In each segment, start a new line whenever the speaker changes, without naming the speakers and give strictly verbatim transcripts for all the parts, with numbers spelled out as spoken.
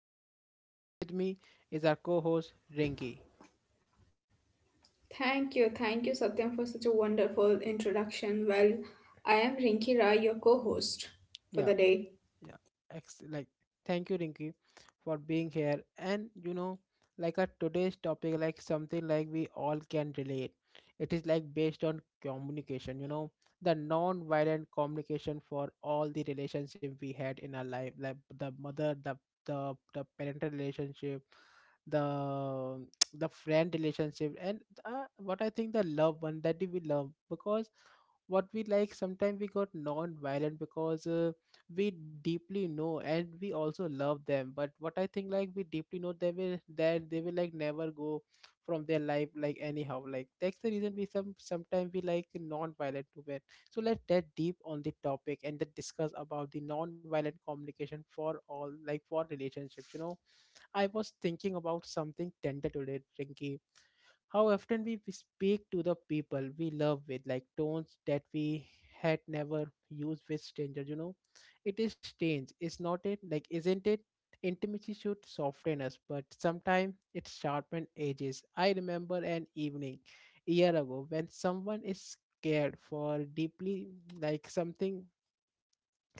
Satyam and with me is our co-host Rinki.
Thank you, thank you, Satyam, for such a wonderful introduction. Well, I am Rinki Rai, your co host for the
Yeah.
day.
yeah ex- like thank you Rinky for being here and you know like a today's topic like something like we all can relate it is like based on communication you know the non-violent communication for all the relationship we had in our life, like the mother, the the, the parental relationship, the the friend relationship, and uh, what I think the love one that we love. Because what we like sometimes we got non-violent, because uh, we deeply know and we also love them. But what I think, like we deeply know they will that they will like never go from their life, like anyhow, like that's the reason we some sometimes we like non-violent women. So let's get deep on the topic and then discuss about the non-violent communication for all, like for relationships you know I was thinking about something tender today, Rinky. How often we speak to the people we love with like tones that we had never used with strangers you know It is strange, it's not it like, isn't it? Intimacy should soften us, but sometimes it sharpens edges. I remember an evening a year ago when someone is scared for deeply, like something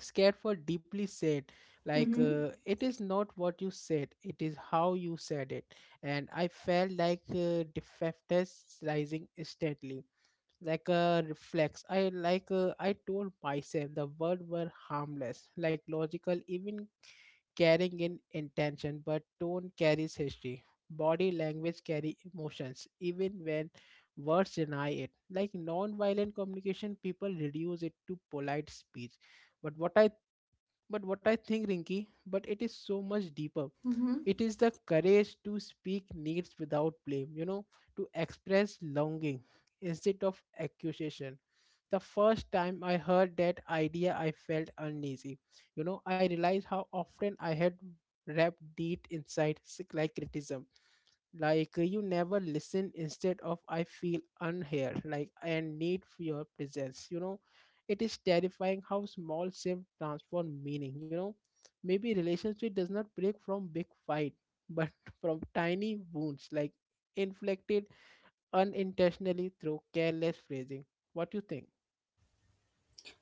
scared for deeply said, like uh,
Mm-hmm.
it is not what you said, it is how you said it. And I felt like uh, defectors rising steadily like a reflex. I like uh, i told myself the words were harmless, like logical even, carrying in intention. But tone carries history, body language carry emotions even when words deny it. Like non-violent communication, people reduce it to polite speech. But what i but what I think, Rinky, but it is so much deeper.
Mm-hmm.
It is the courage to speak needs without blame, you know, to express longing instead of accusation. The first time I heard that idea, I felt uneasy. You know, I realized how often I had wrapped deep inside, like criticism. Like uh, you never listen, instead of I feel unheard, like and need for your presence you know It is terrifying how small shift transform meaning you know Maybe relationship does not break from big fight, but from tiny wounds, like inflicted unintentionally through careless phrasing. What do you think?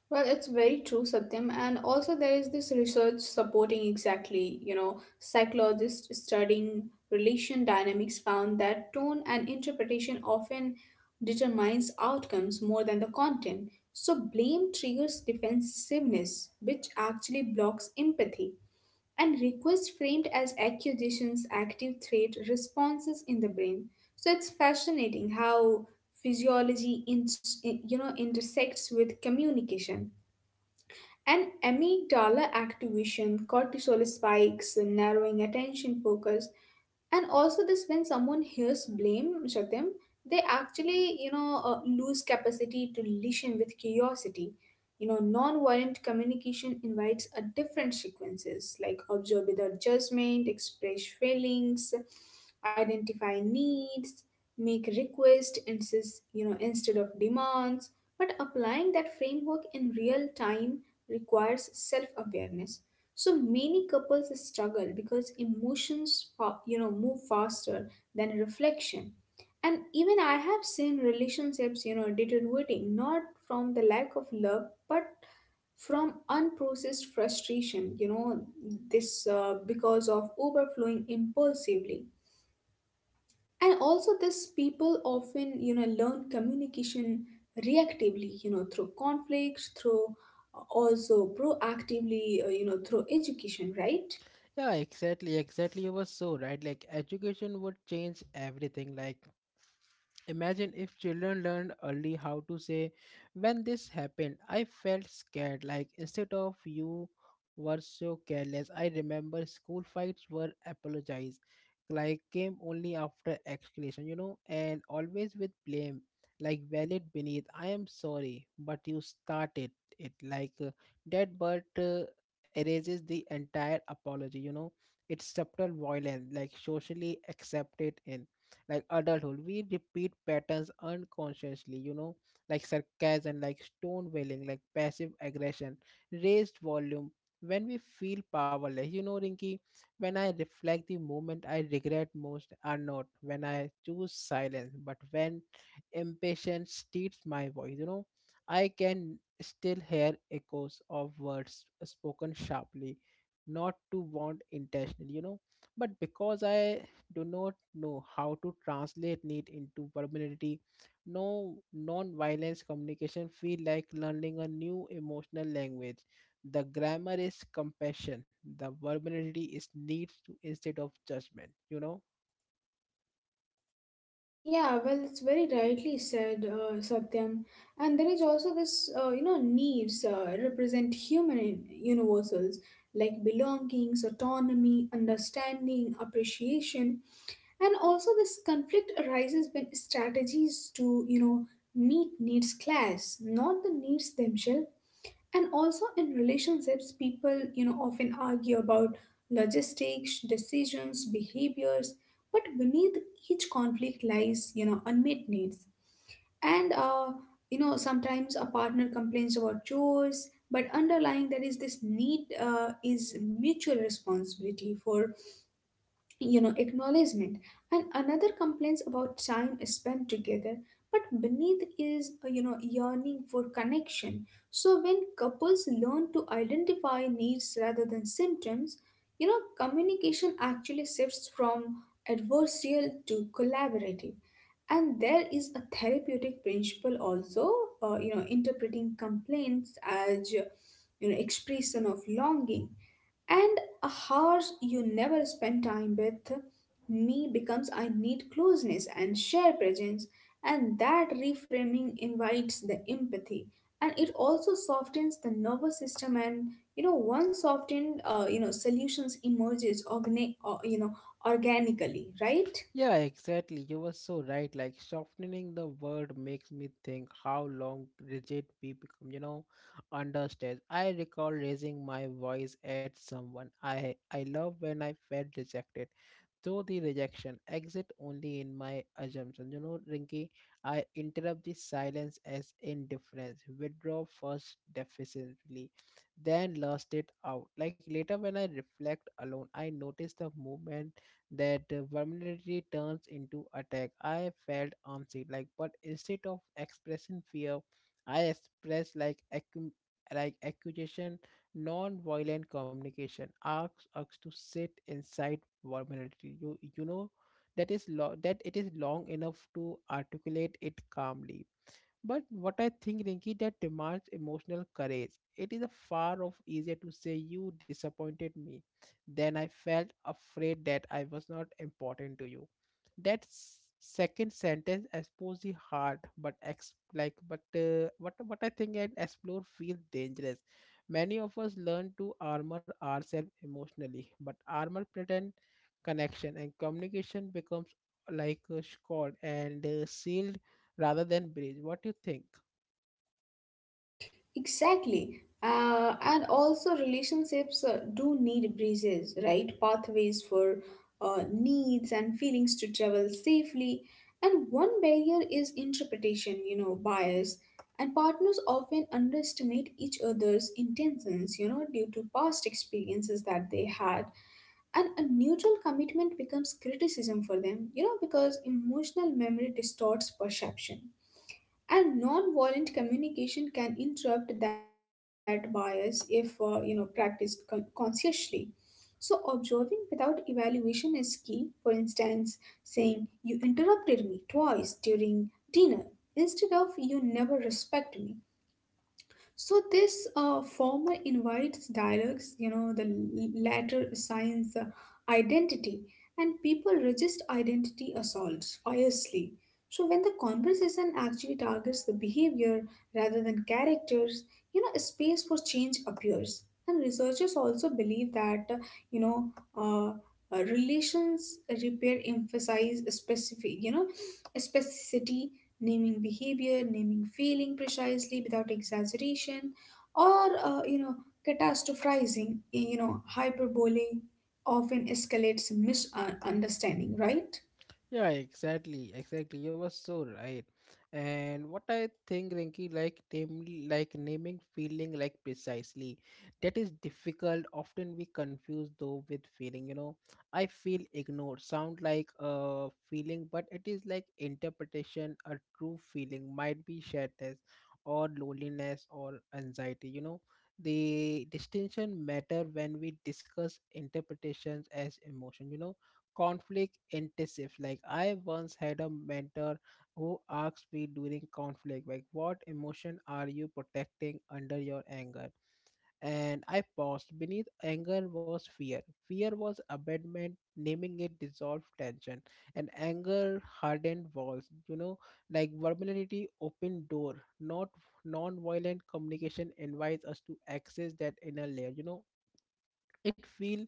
Well, it's very true, Satyam, and also there is this research supporting exactly, you know, psychologists studying relation dynamics found that tone and interpretation often determines outcomes more than the content. So, blame triggers defensiveness, which actually blocks empathy. And requests framed as accusations active threat responses in the brain, so it's fascinating how physiology in, you know intersects with communication and amygdala activation, cortisol spikes, narrowing attention focus. And also this, when someone hears blame, Shatim, they actually you know uh, lose capacity to listen with curiosity. You know, non-violent communication invites a different sequences like observe without judgment, express feelings, identify needs, make requests insist, you know, instead of demands. But applying that framework in real time requires self-awareness. So many couples struggle because emotions, fa- you know, move faster than reflection. And even I have seen relationships, you know, deteriorating not from the lack of love, but from unprocessed frustration, you know this uh, because of overflowing impulsively. And also this, people often you know learn communication reactively, you know through conflicts, through uh, also proactively, uh, you know through education, right?
Yeah, exactly, exactly. You were so right. Like education would change everything. Like imagine if children learned early how to say, when this happened I felt scared, like instead of you were so careless. I remember school fights were apologized, like came only after explanation, you know, and always with blame, like valid beneath. I am sorry, but you started it. Like uh, that but uh, erases the entire apology, you know. It's subtle violence, like socially accepted. In like adulthood we repeat patterns unconsciously, you know, like sarcasm, like stone wailing, like passive aggression, raised volume, when we feel powerless, you know, Rinky. When I reflect, the moment I regret most are not when I choose silence, but when impatience steals my voice, you know. I can still hear echoes of words spoken sharply, not to want intentionally, you know, but because I do not know how to translate need into permanency. No, non-violence communication feel like learning a new emotional language. The grammar is compassion, the verbality is needs to instead of judgment, you know.
Yeah, well, it's very rightly said, uh, Satyam. And there is also this, uh, you know, needs uh, represent human in- universals like belongings, autonomy, understanding, appreciation. And also this conflict arises when strategies to, you know, meet needs clash, not the needs themselves. And also in relationships, people you know often argue about logistics, decisions, behaviors, but beneath each conflict lies, you know unmet needs. And uh, you know sometimes a partner complains about chores, but underlying, there is this need, uh, is mutual responsibility for, you know acknowledgement. And another complains about time spent together, but beneath is, uh, you know yearning for connection. So when couples learn to identify needs rather than symptoms, you know communication actually shifts from adversarial to collaborative. And there is a therapeutic principle also, uh, you know interpreting complaints as, uh, you know expression of longing. And hours you never spend time with me becomes, I need closeness and share presence, and that reframing invites the empathy, and it also softens the nervous system. And you know once softened uh, you know solutions emerges organic uh, you know organically, right?
Yeah, exactly. You were so right. Like softening the word makes me think how long rigid we become, you know, under stress. I recall raising my voice at someone I I love when I felt rejected. Though the rejection exit only in my assumption. You know, Rinky, I interrupt the silence as indifference, withdraw first defensively, then lost it out. Like later when I reflect alone, I notice the movement that uh, vulnerability turns into attack. I felt armsy, like, but instead of expressing fear, I expressed like accu- like accusation. Non-violent communication asks us to sit inside vulnerability. You you know, that is lo- that it is long enough to articulate it calmly. But what I think, Rinki, that demands emotional courage. It is a far off easier to say you disappointed me than I felt afraid that I was not important to you. That s- second sentence exposes the heart, but ex- like but uh, what what I think and explore feels dangerous. Many of us learn to armor ourselves emotionally, but armor pretend connection and communication becomes like a sword and uh, sealed rather than bridge. What do you think?
Exactly. Uh, and also, relationships uh, do need bridges, right? Pathways for uh, needs and feelings to travel safely. And one barrier is interpretation, you know, bias. And partners often underestimate each other's intentions, you know, due to past experiences that they had. And a neutral commitment becomes criticism for them, you know, because emotional memory distorts perception. And non-violent communication can interrupt that bias if, uh, you know practiced con- consciously. So observing without evaluation is key. For instance, saying, "You interrupted me twice during dinner," instead of, "You never respect me." So this, uh, former invites dialogues, you know, the l- latter assigns uh, identity, and people resist identity assaults fiercely. So when the conversation actually targets the behavior rather than characters, you know, a space for change appears. And researchers also believe that, uh, you know, uh, uh, relations repair emphasize specific, you know, specificity, naming behavior, naming feeling precisely without exaggeration, or, uh, you know, catastrophizing, you know, hyperbole often escalates misunderstanding, right?
Yeah, exactly, exactly. You were so right. And what I think, Rinky, like name, like naming feeling, like precisely, that is difficult. Often we confuse though with feeling. You know, I feel ignored, sound like a feeling, but it is like interpretation. A true feeling might be sadness, or loneliness, or anxiety. You know, the distinction matter when we discuss interpretations as emotion. You know, conflict intensive. Like I once had a mentor who asked me during conflict, like, what emotion are you protecting under your anger? And I paused. Beneath anger was fear. Fear was abandonment. Naming it dissolved tension, and anger hardened walls. You know, like vulnerability opened door. Not non-violent communication invites us to access that inner layer. You know, it feel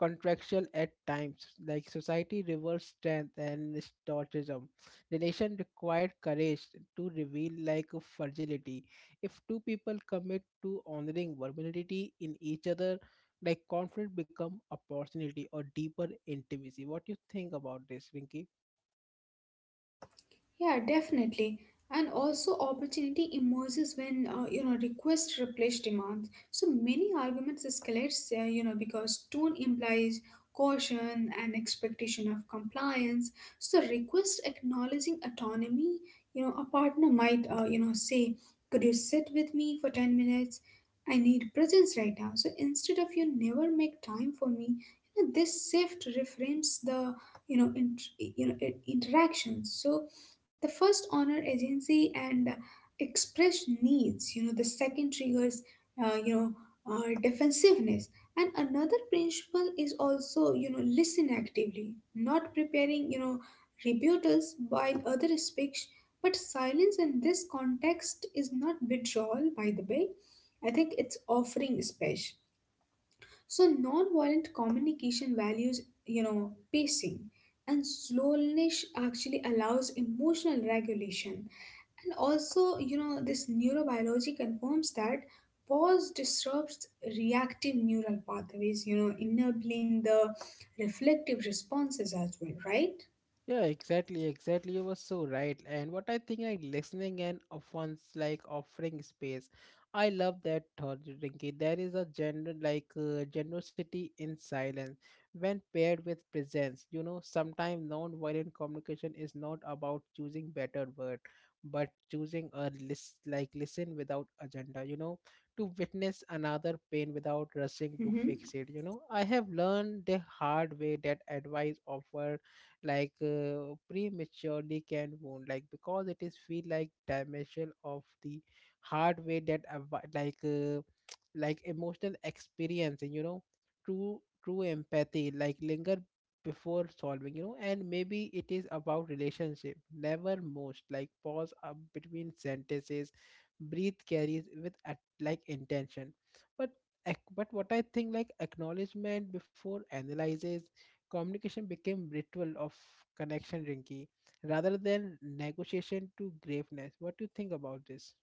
contractual at times. Like society rewards strength and stoicism, relation required courage to reveal like a fragility. If two people commit to honoring vulnerability in each other, like conflict become opportunity or deeper intimacy. What you think about this, Rinki?
Yeah, definitely. And also, opportunity emerges when, uh, you know requests replace demands. So many arguments escalate, uh, you know, because tone implies caution and expectation of compliance. So request acknowledging autonomy. You know, a partner might, uh, you know say, "Could you sit with me for ten minutes? I need presence right now." So instead of, "You never make time for me," you know, this shift reframes the, you know int- you know i- interactions. So the first honor agency and, uh, express needs, you know the second triggers uh, you know uh, defensiveness. And another principle is also, you know listen actively, not preparing, you know rebuttals while other speaks. But silence in this context is not withdrawal, by the way. I think it's offering space. So non-violent communication values, you know, pacing, and slowness actually allows emotional regulation. And also, you know, this neurobiology confirms that pause disrupts reactive neural pathways, you know, enabling the reflective responses as well, right?
Yeah, exactly, exactly. You were so right. And what I think like listening and offense, like offering space. I love that thought, Rinki. There is a gender like uh, generosity in silence when paired with presence. You know, sometimes non-violent communication is not about choosing better word, but choosing a list, like listen without agenda. You know, to witness another pain without rushing to fix
Mm-hmm.
it. You know, I have learned the hard way that advice offer like uh, prematurely can wound, like because it is feel like dimension of the hard way that avo- like uh, like emotional experience, you know. True true empathy like linger before solving, you know. And maybe it is about relationship never most, like pause up between sentences, breathe carries with at like intention, but ac- but what I think, like acknowledgement before analysis. Communication became ritual of connection, Rinky, rather than negotiation to graveness. What do you think about this?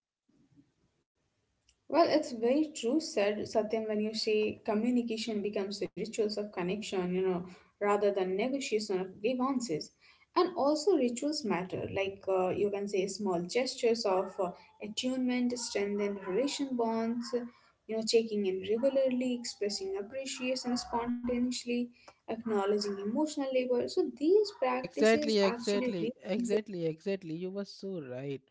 Well, it's very true, said Satyam, when you say communication becomes rituals of connection, you know, rather than negotiation of grievances. And also, rituals matter, like uh, you can say small gestures of, uh, attunement, strengthen relation bonds, you know, checking in regularly, expressing appreciation spontaneously, acknowledging emotional labor. So these
Yeah,
practices
exactly,
actually, re-
exactly, exactly, exactly. You were so right.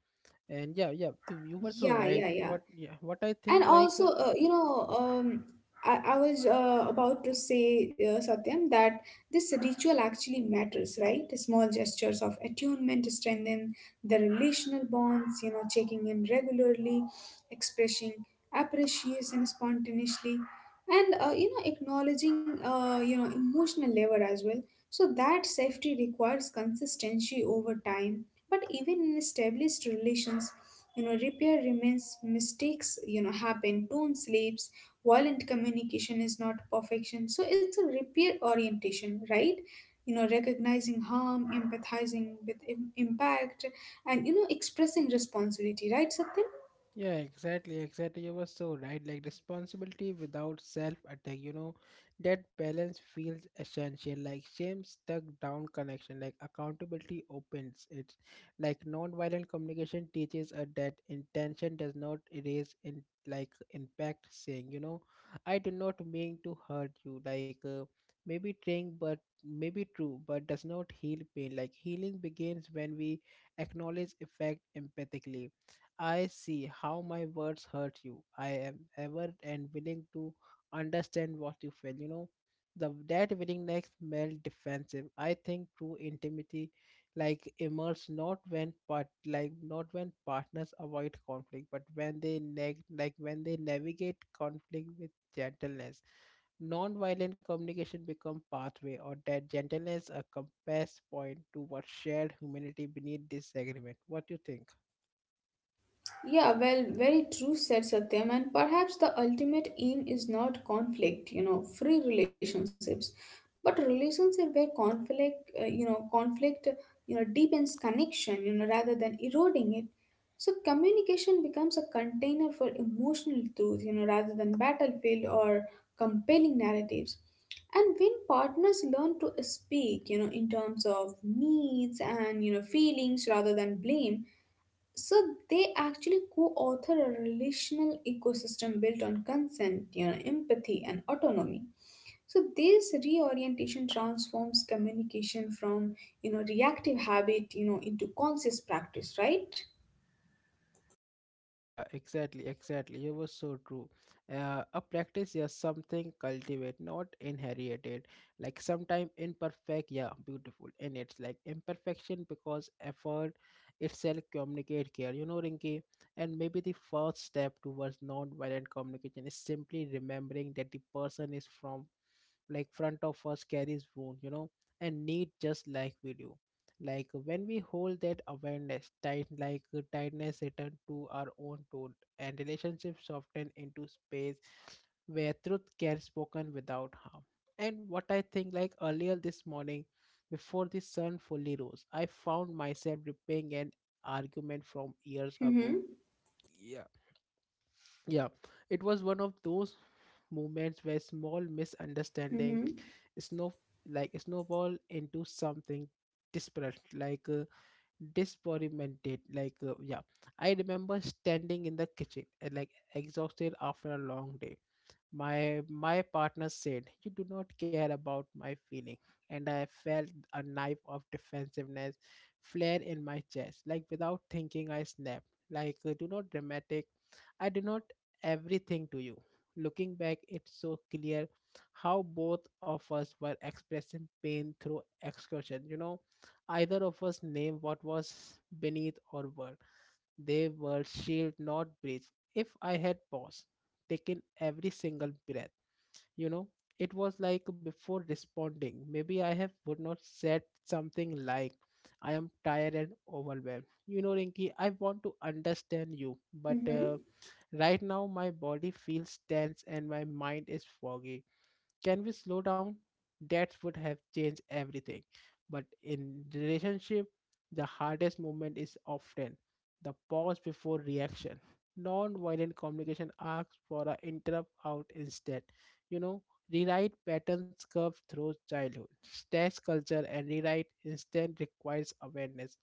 And yeah, yeah, you, you were so
yeah,
right.
yeah, yeah.
What, yeah, what I
and
think like
also
uh,
uh, you know um, I, I was uh, about to say, uh, Satyam, that this ritual actually matters, right? Small gestures of attunement strengthen the relational bonds, you know checking in regularly, expressing appreciation spontaneously, and, uh, you know acknowledging, uh, you know emotional labor as well. So that safety requires consistency over time. But even in established relations, you know repair remains. Mistakes, you know happen. Tone slips. Violent communication is not perfection, so it's a repair orientation, right? You know, recognizing harm, empathizing with im- impact, and, you know expressing responsibility, right, Satyam?
yeah, exactly, exactly. You were so right. Like responsibility without self attack, you know, that balance feels essential. Like shame stuck down connection, like accountability opens it. Like non-violent communication teaches us that intention does not erase in like impact, saying, you know, I do not mean to hurt you. Like uh, maybe trying, but maybe true, but does not heal pain. Like healing begins when we acknowledge effect empathically. I see how my words hurt you. I am ever and willing to understand what you feel. You know, the that willingness melt defensive. I think true intimacy like emerges not when part like not when partners avoid conflict, but when they neg- like when they navigate conflict with gentleness. Non-violent communication become pathway or that gentleness, a compass point towards shared humanity beneath disagreement. What do you think?
Yeah, well, very true, said Satyam. And perhaps the ultimate aim is not conflict, you know, free relationships, but relationship where conflict, uh, you know, conflict, you know, deepens connection, you know, rather than eroding it. So communication becomes a container for emotional truth, you know, rather than battlefield or compelling narratives. And when partners learn to speak, you know, in terms of needs and, you know, feelings rather than blame, so they actually co-author a relational ecosystem built on consent, you know, empathy and autonomy. So this reorientation transforms communication from, you know, reactive habit, you know, into conscious practice, right?
Yeah, exactly, exactly. It was so true. Uh, a practice, yeah, something cultivate, not inherited. Like sometime imperfect, yeah, beautiful. And it's like imperfection because effort itself communicate care. You know, Rinki, and maybe the first step towards non-violent communication is simply remembering that the person is from like front of us carries wound, you know, and need just like we do. Like when we hold that awareness tight, like uh, tightness return to our own tone, and relationships soften into space where truth can spoken without harm. And what I think, like earlier this morning before the sun fully rose, I found myself repaying an argument from years ago.
Mm-hmm.
Yeah. Yeah, it was one of those moments where small misunderstanding
Mm-hmm.
snow like snowball into something disparate, like uh, disparamented. Like uh, yeah, I remember standing in the kitchen, uh, like exhausted after a long day. My my partner said, "You do not care about my feeling," and I felt a knife of defensiveness flare in my chest. Like without thinking, I snapped. Like uh, do not dramatic. I do not everything to you. Looking back, it's so clear how both of us were expressing pain through excursion. You know, either of us named what was beneath our world. They were shield, not bridge. If I had paused, taken every single breath, you know, it was like before responding. Maybe I have would not said something like, I am tired and overwhelmed. You know, Rinki, I want to understand you, but
Mm-hmm.
uh, right now my body feels tense and my mind is foggy. Can we slow down? That would have changed everything. But in relationship, the hardest moment is often the pause before reaction. Non-violent communication asks for an interrupt out instead. You know, rewrite patterns curved through childhood. Stress culture and rewrite instead requires awareness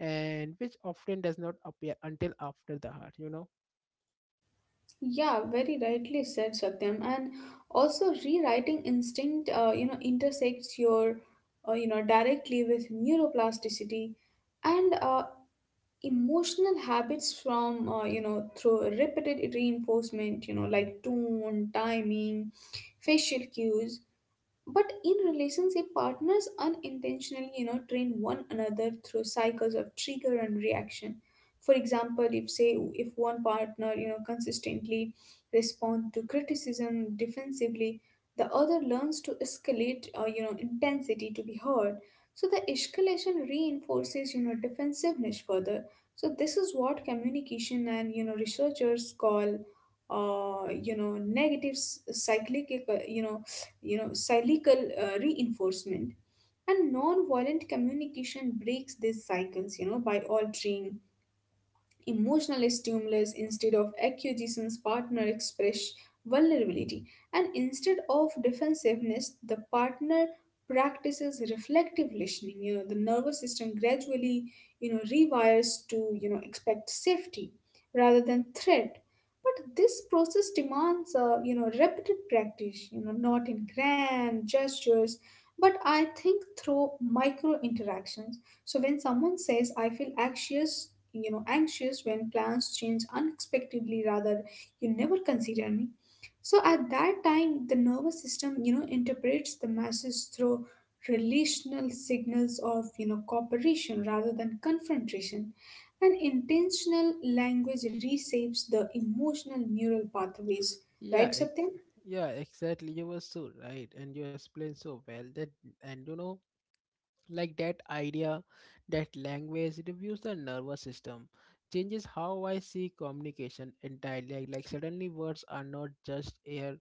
and which often does not appear until after the heart, you know.
Yeah, very rightly said, Satyam. And also rewriting instinct, uh, you know, intersects your, uh, you know, directly with neuroplasticity and, uh, emotional habits from, uh, you know through repeated reinforcement, you know like tone, timing, facial cues. But in relationship, partners unintentionally, you know train one another through cycles of trigger and reaction. For example, if say if one partner, you know consistently respond to criticism defensively, the other learns to escalate, uh, you know intensity to be heard. So the escalation reinforces, you know defensiveness further. So this is what communication and, you know researchers call, uh, you know negative s- cyclic uh, you know you know, cyclical, uh, reinforcement. And non-violent communication breaks these cycles, you know, by altering emotional stimulus. Instead of accusations, partner express vulnerability, and instead of defensiveness, the partner practices reflective listening. You know, the nervous system gradually, you know rewires to, you know expect safety rather than threat. But this process demands, uh, you know repeated practice, you know not in grand gestures, but I think through micro interactions. So when someone says, "I feel anxious," you know, anxious when plans change unexpectedly, rather, "You never consider me." So at that time, the nervous system, you know, interprets the message through relational signals of, you know, cooperation rather than confrontation. And intentional language reshapes the emotional neural pathways,
Yeah,
right,
ex-
Satyam?
yeah, exactly. You were so right, and you explained so well that, and you know, like that idea, that language reviews the nervous system, changes how I see communication entirely. Like, like suddenly words are not just air,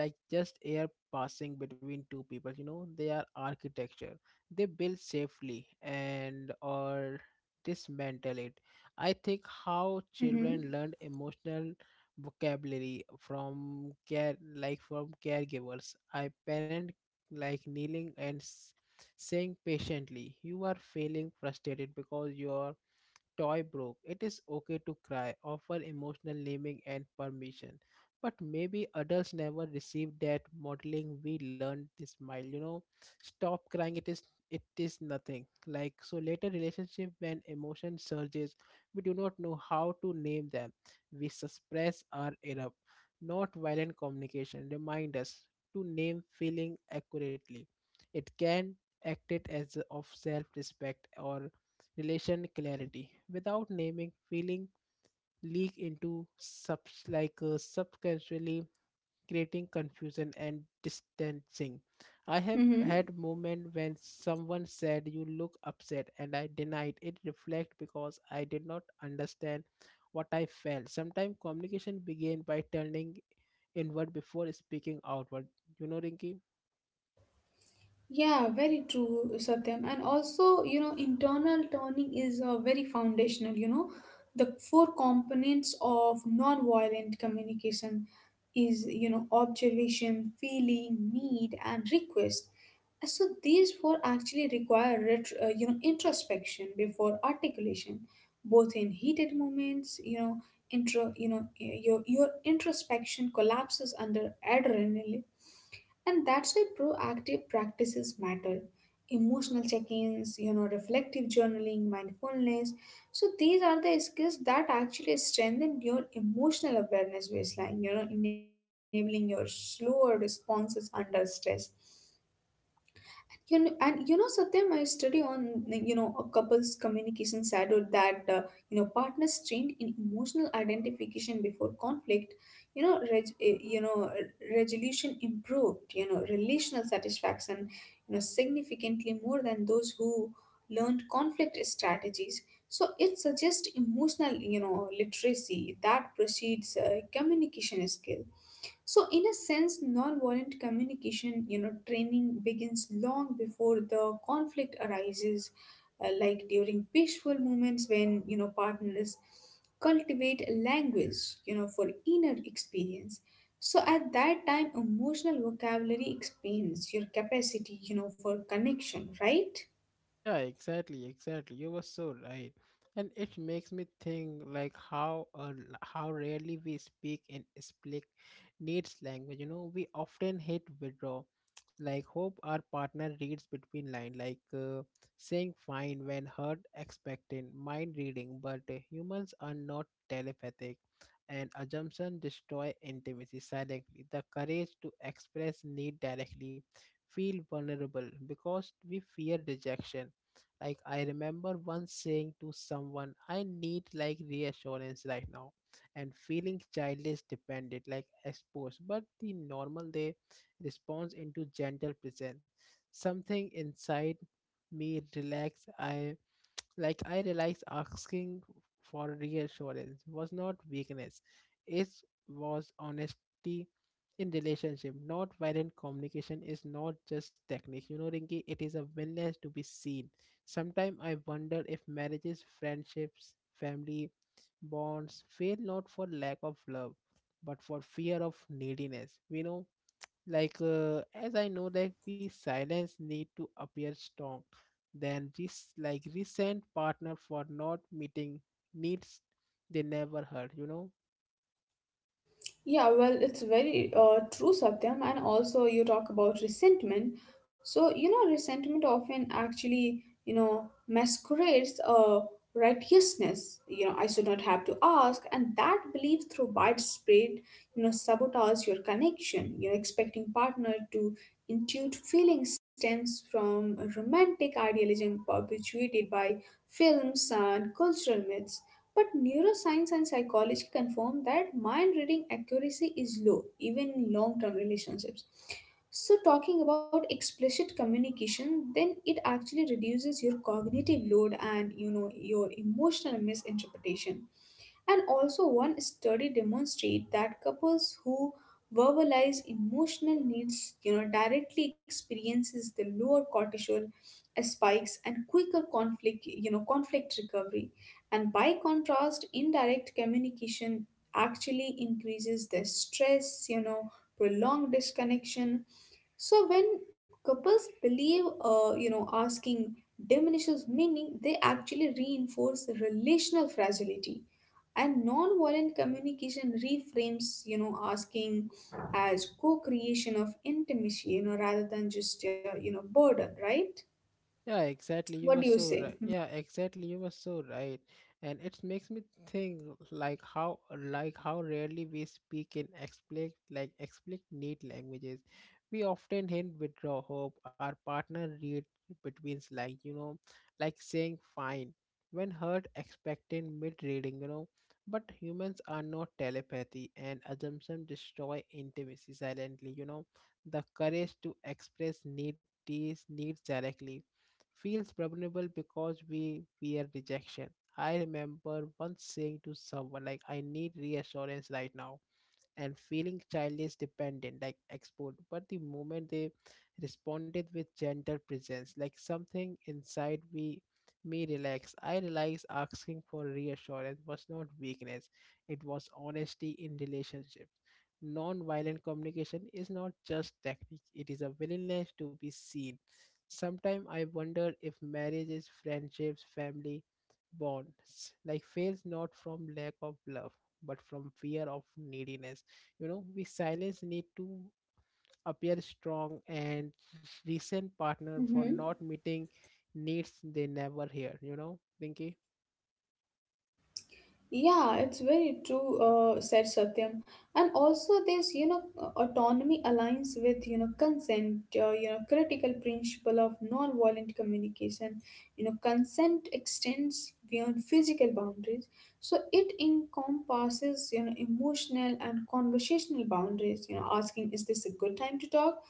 like just air
Mm-hmm.
passing between two people. You know, they are architecture. They build safely and or dismantle it. I think how
Mm-hmm.
children learn emotional vocabulary from care, like from caregivers. I parent like kneeling and s- saying patiently you are feeling frustrated because your toy broke, it is okay to cry, offer emotional naming and permission. But maybe adults never received that modeling. We learned to smile, you know. Stop crying, it is it is nothing. Like, so later relationship when emotion surges, we do not know how to name them. We suppress or erupt. Not violent communication. Remind us to name feeling accurately. It can acted as of self-respect or relation clarity without naming feeling leak into sub, like uh, subcasually creating confusion and distancing. I have
Mm-hmm.
had moment when someone said you look upset and I denied it reflect because I did not understand what I felt. Sometimes communication began by turning inward before speaking outward, you know, Rinki.
Yeah, very true, Satyam. And also, you know, internal turning is, uh, very foundational, you know. The four components of non-violent communication is, you know, observation, feeling, need, and request. So these four actually require, ret- uh, you know, introspection before articulation, both in heated moments. You know, intro, you know, your your introspection collapses under adrenaline, and that's why proactive practices matter. Emotional check ins, you know, reflective journaling, mindfulness. So these are the skills that actually strengthen your emotional awareness baseline, you know, enabling your slower responses under stress. You know, and you know, Satyam, I study on like, you know a couple's communication shadowed that, uh, you know partners trained in emotional identification before conflict, You know, reg, eh, you know r- resolution improved, You know, relational satisfaction, You know, significantly more than those who learned conflict strategies. So it suggests emotional, you know literacy that precedes, uh, communication skill. So, in a sense, nonviolent communication, you know, training begins long before the conflict arises, uh, like during peaceful moments when, you know, partners cultivate a language, you know, for inner experience. So, at that time, emotional vocabulary expands your capacity, you know, for connection, right?
Yeah, exactly, exactly. You were so right. And it makes me think like how uh, l- how rarely we speak and speak needs language. You know, we often hit withdraw. Like hope our partner reads between line, like uh, saying fine when heard expectant, mind reading. But uh, humans are not telepathic, and assumption destroy intimacy silently. The courage to express need directly, feel vulnerable because we fear rejection. Like I remember once saying to someone, I need like reassurance right now and feeling childish dependent, like exposed. But the normal day responds into gentle presence. Something inside me relaxed. I like I realized asking for reassurance was not weakness. It was honesty in relationship. Not violent communication is not just technique. You know, Rinki, it is a willingness to be seen. Sometimes I wonder if marriages, friendships, family bonds fail not for lack of love, but for fear of neediness. We know like uh, as I know, like, we silence need to appear strong, then this like recent partner for not meeting needs they never heard, you know.
Yeah, well, it's very uh, true, Satyam. And also, you talk about resentment. So, you know, resentment often actually, you know, masquerades, uh, righteousness. You know, I should not have to ask. And that belief through widespread, you know, sabotage your connection. You're expecting partner to intuit feeling stems from romantic idealism perpetuated by films and cultural myths, but neuroscience and psychology confirm that mind reading accuracy is low, even in long term relationships. So, talking about explicit communication, then it actually reduces your cognitive load and you know your emotional misinterpretation. And also, one study demonstrates that couples who verbalize emotional needs, you know, directly experiences the lower cortisol spikes and quicker conflict, you know, conflict recovery. And by contrast, indirect communication actually increases the stress, you know, prolonged disconnection. So when couples believe, uh, you know, asking diminishes meaning, they actually reinforce relational fragility, and non-violent communication reframes you know asking as co-creation of intimacy, you know rather than just uh, you know burden, right?
Yeah, exactly.
What
You
do
were
you
so
say?
right. Yeah, exactly. You were so right. And it makes me think like how like how rarely we speak in explicit, like explicit need languages. We often hint withdraw hope. Our partner read between lines, you know, like saying fine when heard expecting mid reading, you know. But humans are not telepathy and assumption destroy intimacy silently, you know. The courage to express need, these needs directly, feels vulnerable because we fear rejection. I remember once saying to someone, like, I need reassurance right now and feeling childish dependent like export, but the moment they responded with gentle presence, like something inside me me relax. I realized asking for reassurance was not weakness. It was honesty in relationships. Non-violent communication is not just technique, it is a willingness to be seen. Sometimes I wonder if marriages, friendships, family bonds like fails not from lack of love, but from fear of neediness. You know, we silence need to appear strong and recent partner for
Hmm.
not meeting needs they never hear, you know, Pinky?
Yeah, it's very true, uh, said Satyam. And also, this, you know autonomy aligns with you know consent, uh, you know critical principle of non-violent communication. You know, consent extends beyond physical boundaries, so it encompasses you know emotional and conversational boundaries. You know, asking, is this a good time to talk?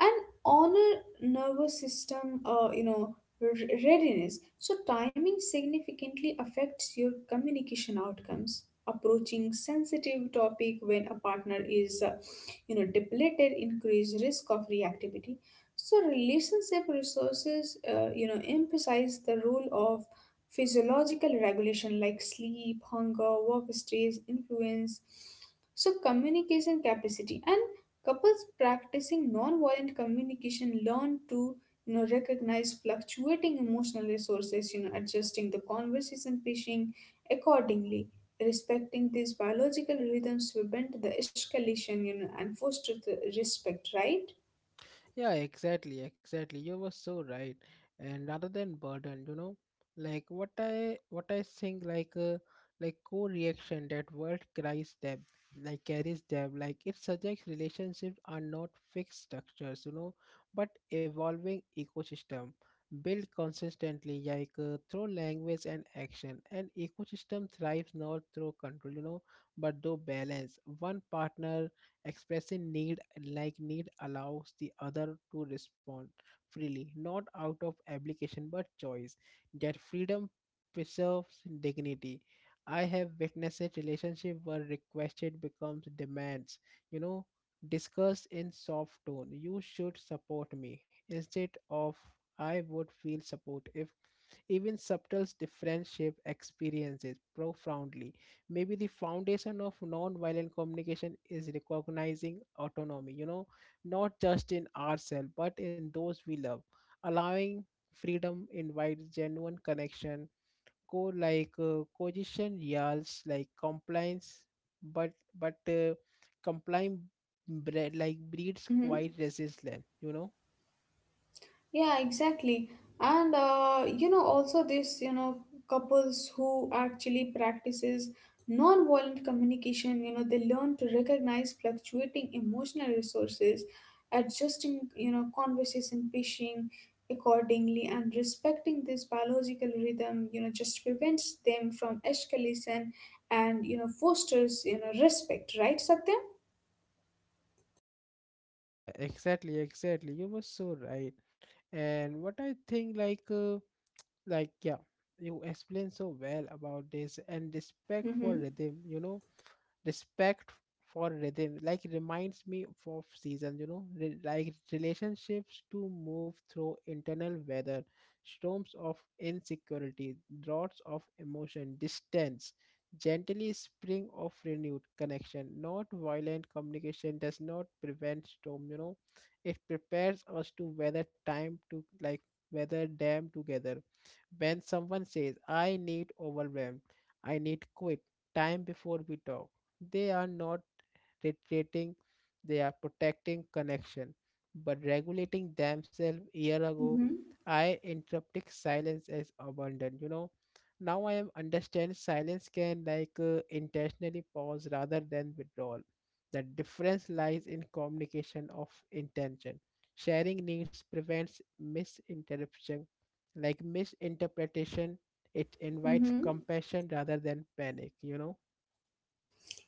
And honor nervous system uh, you know r- readiness. So timing significantly affects your communication outcomes, approaching sensitive topic when a partner is uh, you know depleted increase risk of reactivity. So relationship resources uh, you know emphasize the role of physiological regulation like sleep, hunger, work stress influence, so communication capacity. And couples practicing non-violent communication learn to you know recognize fluctuating emotional resources, you know adjusting the conversation pacing accordingly. Respecting these biological rhythms will bend the escalation, you know, and foster the respect, right?
Yeah, exactly, exactly. You were so right. And rather than burden, you know, like what I what I think like uh, like co-reaction, that word carries them, like carries them, like it suggests relationships are not fixed structures, you know, but evolving ecosystem built consistently like uh, through language and action. And ecosystem thrives not through control, you know, but through balance. One partner expressing need, like need allows the other to respond freely, not out of obligation but choice. That freedom preserves dignity. I have witnessed a relationship where requested becomes demands. You know, discussed in soft tone. You should support me instead of I would feel support if. Even subtle differentiate experiences profoundly. Maybe the foundation of non-violent communication is recognizing autonomy, you know, not just in ourselves, but in those we love. Allowing freedom invites genuine connection. Co like uh, Coercion yells like compliance, but but uh, complying bre- like breeds
Mm-hmm.
quite resistance, you know.
Yeah, exactly. And uh, you know, also this, you know, couples who actually practices non-violent communication, you know, they learn to recognize fluctuating emotional resources, adjusting, you know, conversation pacing accordingly, and respecting this biological rhythm, you know, just prevents them from escalation and, you know, fosters, you know, respect, right, Satya?
Yeah, exactly, exactly. You were so right. And what I think, like, uh, like, yeah, you explained so well about this and respect for
Mm-hmm.
rhythm, you know. Respect for rhythm like reminds me of seasons, you know. Re- like relationships to move through internal weather, storms of insecurity, droughts of emotion distance, gently spring of renewed connection. Not violent communication does not prevent storm, you know, it prepares us to weather time to like weather them together. When someone says I need overwhelmed, I need quit time before we talk, they are not retreating, they are protecting connection, but regulating themselves. Year ago,
Mm-hmm.
I interpreted silence as abandon. You know, now I am understand silence can like uh, intentionally pause rather than withdrawal. The difference lies in communication of intention. Sharing needs prevents misinterruption, like misinterpretation. It invites
Mm-hmm.
compassion rather than panic, you know.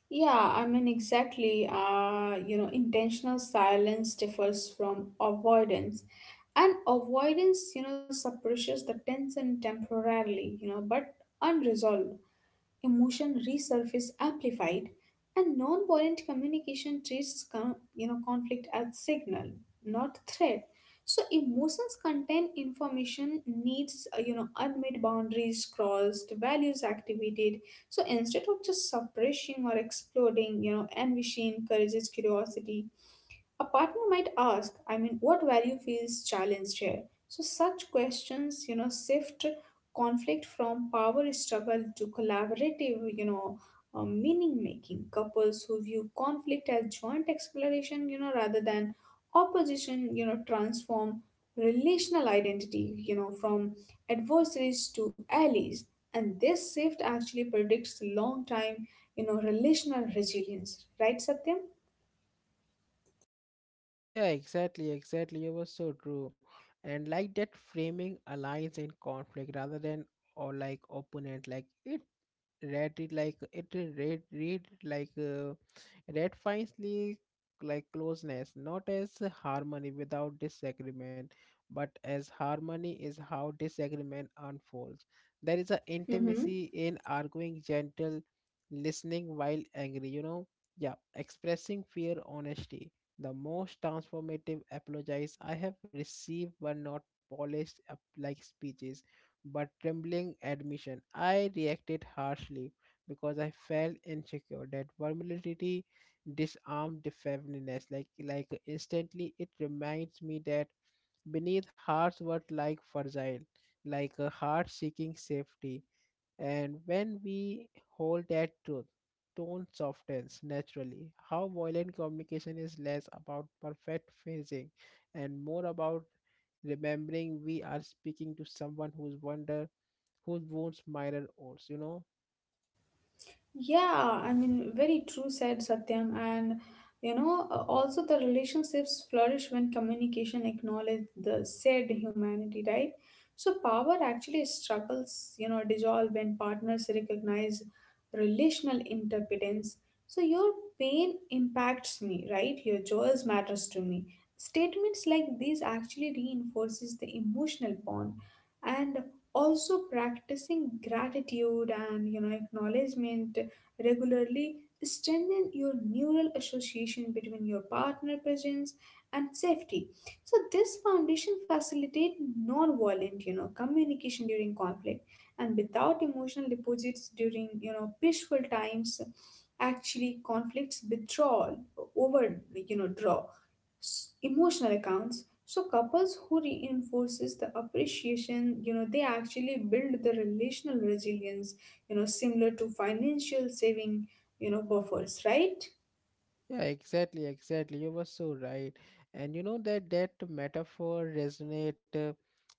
Yeah, I mean, exactly. Uh, you know, intentional silence differs from avoidance, and avoidance, you know, suppresses the tension temporarily, you know, but unresolved emotion resurface amplified. And non-violent communication treats con- you know conflict as signal, not threat. So emotions contain information needs, uh, you know, unmet boundaries crossed, values activated. So instead of just suppressing or exploding, you know, ambition encourages curiosity. A partner might ask, I mean, what value feels challenged here? So, such questions, you know, shift conflict from power struggle to collaborative, you know, uh, meaning making. Couples who view conflict as joint exploration, you know, rather than opposition, you know, transform relational identity, you know, from adversaries to allies. And this shift actually predicts long time, you know, relational resilience, right, Satyam?
Yeah, exactly, exactly. It was so true. And like that framing alliance and conflict rather than or like opponent, like it read it like it read read it like uh, read finely, like closeness not as harmony without disagreement, but as harmony is how disagreement unfolds. There is a
Mm-hmm.
intimacy in arguing gentle listening while angry, you know. Yeah, expressing fear honesty. The most transformative apologies I have received were not polished up like speeches, but trembling admission. I reacted harshly because I felt insecure. That vulnerability disarmed the feminist. Like like instantly it reminds me that beneath hearts were like fragile, like a heart seeking safety. And when we hold that truth, tone softens naturally. How violent communication is less about perfect phrasing and more about remembering we are speaking to someone whose wonder whose wounds mirror ours, you know.
Yeah, I mean, very true, said Satyam. And you know, uh, also the relationships flourish when communication acknowledge the said humanity, right? So power actually struggles, you know, dissolve when partners recognize relational interdependence. So your pain impacts me, right? Your joys matters to me. Statements like these actually reinforces the emotional bond. And also practicing gratitude and you know acknowledgement regularly strengthen your neural association between your partner presence and safety. So this foundation facilitate non-violent you know communication during conflict, and without emotional deposits during you know peaceful times, actually conflicts withdrawal over you know draw s- emotional accounts. So couples who reinforces the appreciation, you know, they actually build the relational resilience, you know, similar to financial saving, you know, buffers, right?
Yeah, exactly, exactly. You were so right. And you know that that metaphor resonate uh,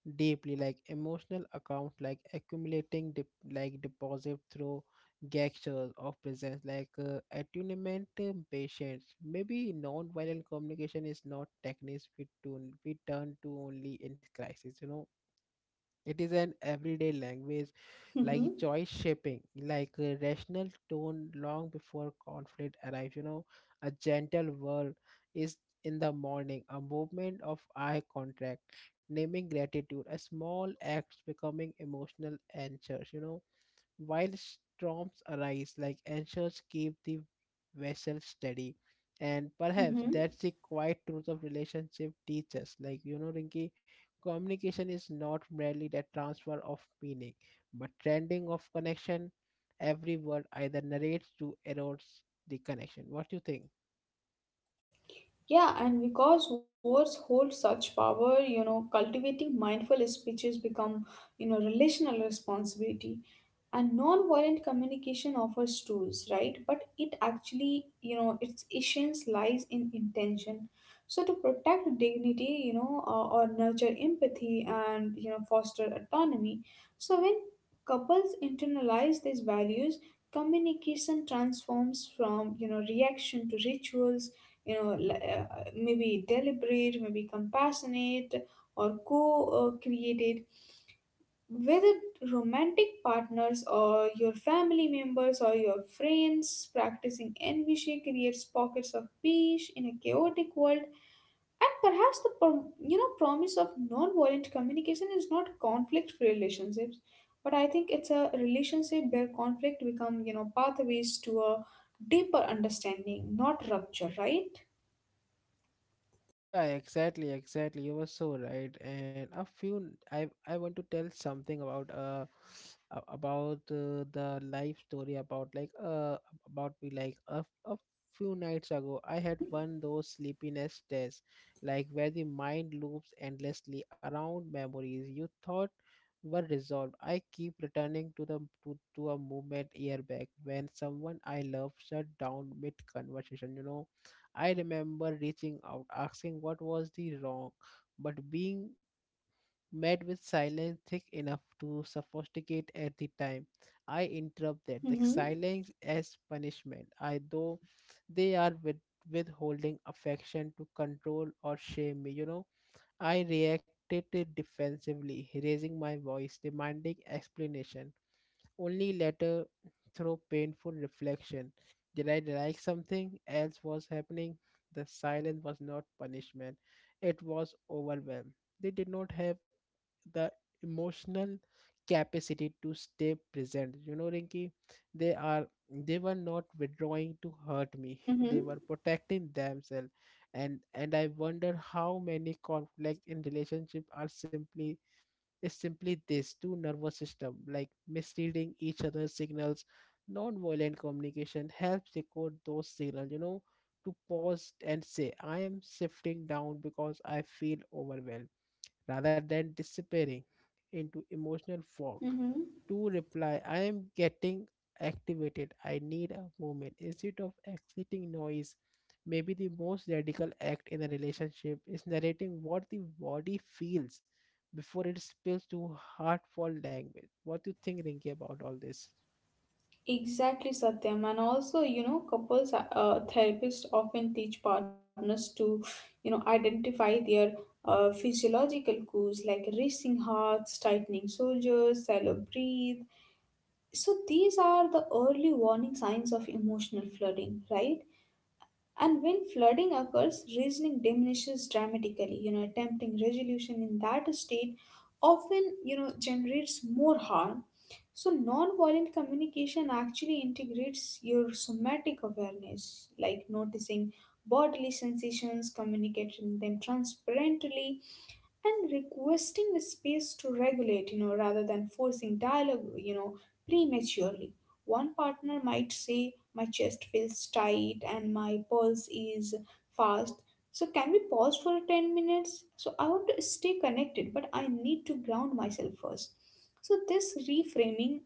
deeply, like emotional account like accumulating dip, like deposit through gestures of presence, like uh, attunement, uh, patience. Maybe non-violent communication is not techniques we turn we turn to only in crisis, you know. It is an everyday language, like
Mm-hmm.
choice shaping, like a rational tone long before conflict arrives. You know, a gentle word is in the morning, a movement of eye contact, naming gratitude, a small act becoming emotional anchors. You know, while storms arise, like anchors keep the vessel steady. And perhaps
Mm-hmm.
that's the quiet truth of relationship teaches. Like, you know, Rinki, communication is not merely that transfer of meaning, but trending of connection. Every word either narrates to erodes the connection. What do you think?
Yeah, and because words hold such power, you know, cultivating mindful speeches become, you know, relational responsibility. And non-violent communication offers tools, right? But it actually, you know, its essence lies in intention. So to protect dignity, you know, uh, or nurture empathy and, you know, foster autonomy. So when couples internalize these values, communication transforms from, you know, reaction to rituals, you know, li- uh, maybe deliberate, maybe compassionate, or co-created. Whether romantic partners or your family members or your friends, practicing envy creates pockets of peace in a chaotic world. And perhaps the prom- you know promise of non-violent communication is not conflict free relationships, but I think it's a relationship where conflict become you know pathways to a deeper understanding, not rupture, right?
Yeah, exactly, exactly. You were so right. And a few, I I want to tell something about uh a- about uh, the life story about like uh about me like a a few nights ago. I
Mm-hmm.
had one those sleepiness tests like where the mind loops endlessly around memories you thought were resolved. I keep returning to the to, to a movement year back when someone I love shut down mid conversation. You know, I remember reaching out, asking what was the wrong, but being met with silence thick enough to suffocate at the time. I interrupted the
Mm-hmm.
silence as punishment, I though they are with, withholding affection to control or shame me, you know. I reacted defensively, raising my voice, demanding explanation. Only later, through painful reflection, did I like something else was happening. The silence was not punishment, it was overwhelm. They did not have the emotional capacity to stay present. You know, Rinki, they are they were not withdrawing to hurt me.
Mm-hmm.
They were protecting themselves and and I wonder how many conflict in relationship are simply is simply this two nervous system like misreading each other's signals. Non-violent communication helps decode those signals, you know, to pause and say I am shifting down because I feel overwhelmed, rather than disappearing into emotional fog,
Mm-hmm.
to reply, I am getting activated. I need a moment. Instead of exiting noise, maybe the most radical act in a relationship is narrating what the body feels before it spills to heartful language. What do you think, Rinky, about all this?
Exactly, Satyam. And also, you know, couples uh, therapists often teach partners to, you know, identify their uh, physiological cues like racing hearts, tightening shoulders, shallow breathe. So these are the early warning signs of emotional flooding, right? And when flooding occurs, reasoning diminishes dramatically. You know, attempting resolution in that state often, you know, generates more harm. So, nonviolent communication actually integrates your somatic awareness, like noticing bodily sensations, communicating them transparently, and requesting a space to regulate, you know, rather than forcing dialogue, you know, prematurely. One partner might say, my chest feels tight and my pulse is fast. So, can we pause for ten minutes? So, I want to stay connected, but I need to ground myself first. So, this reframing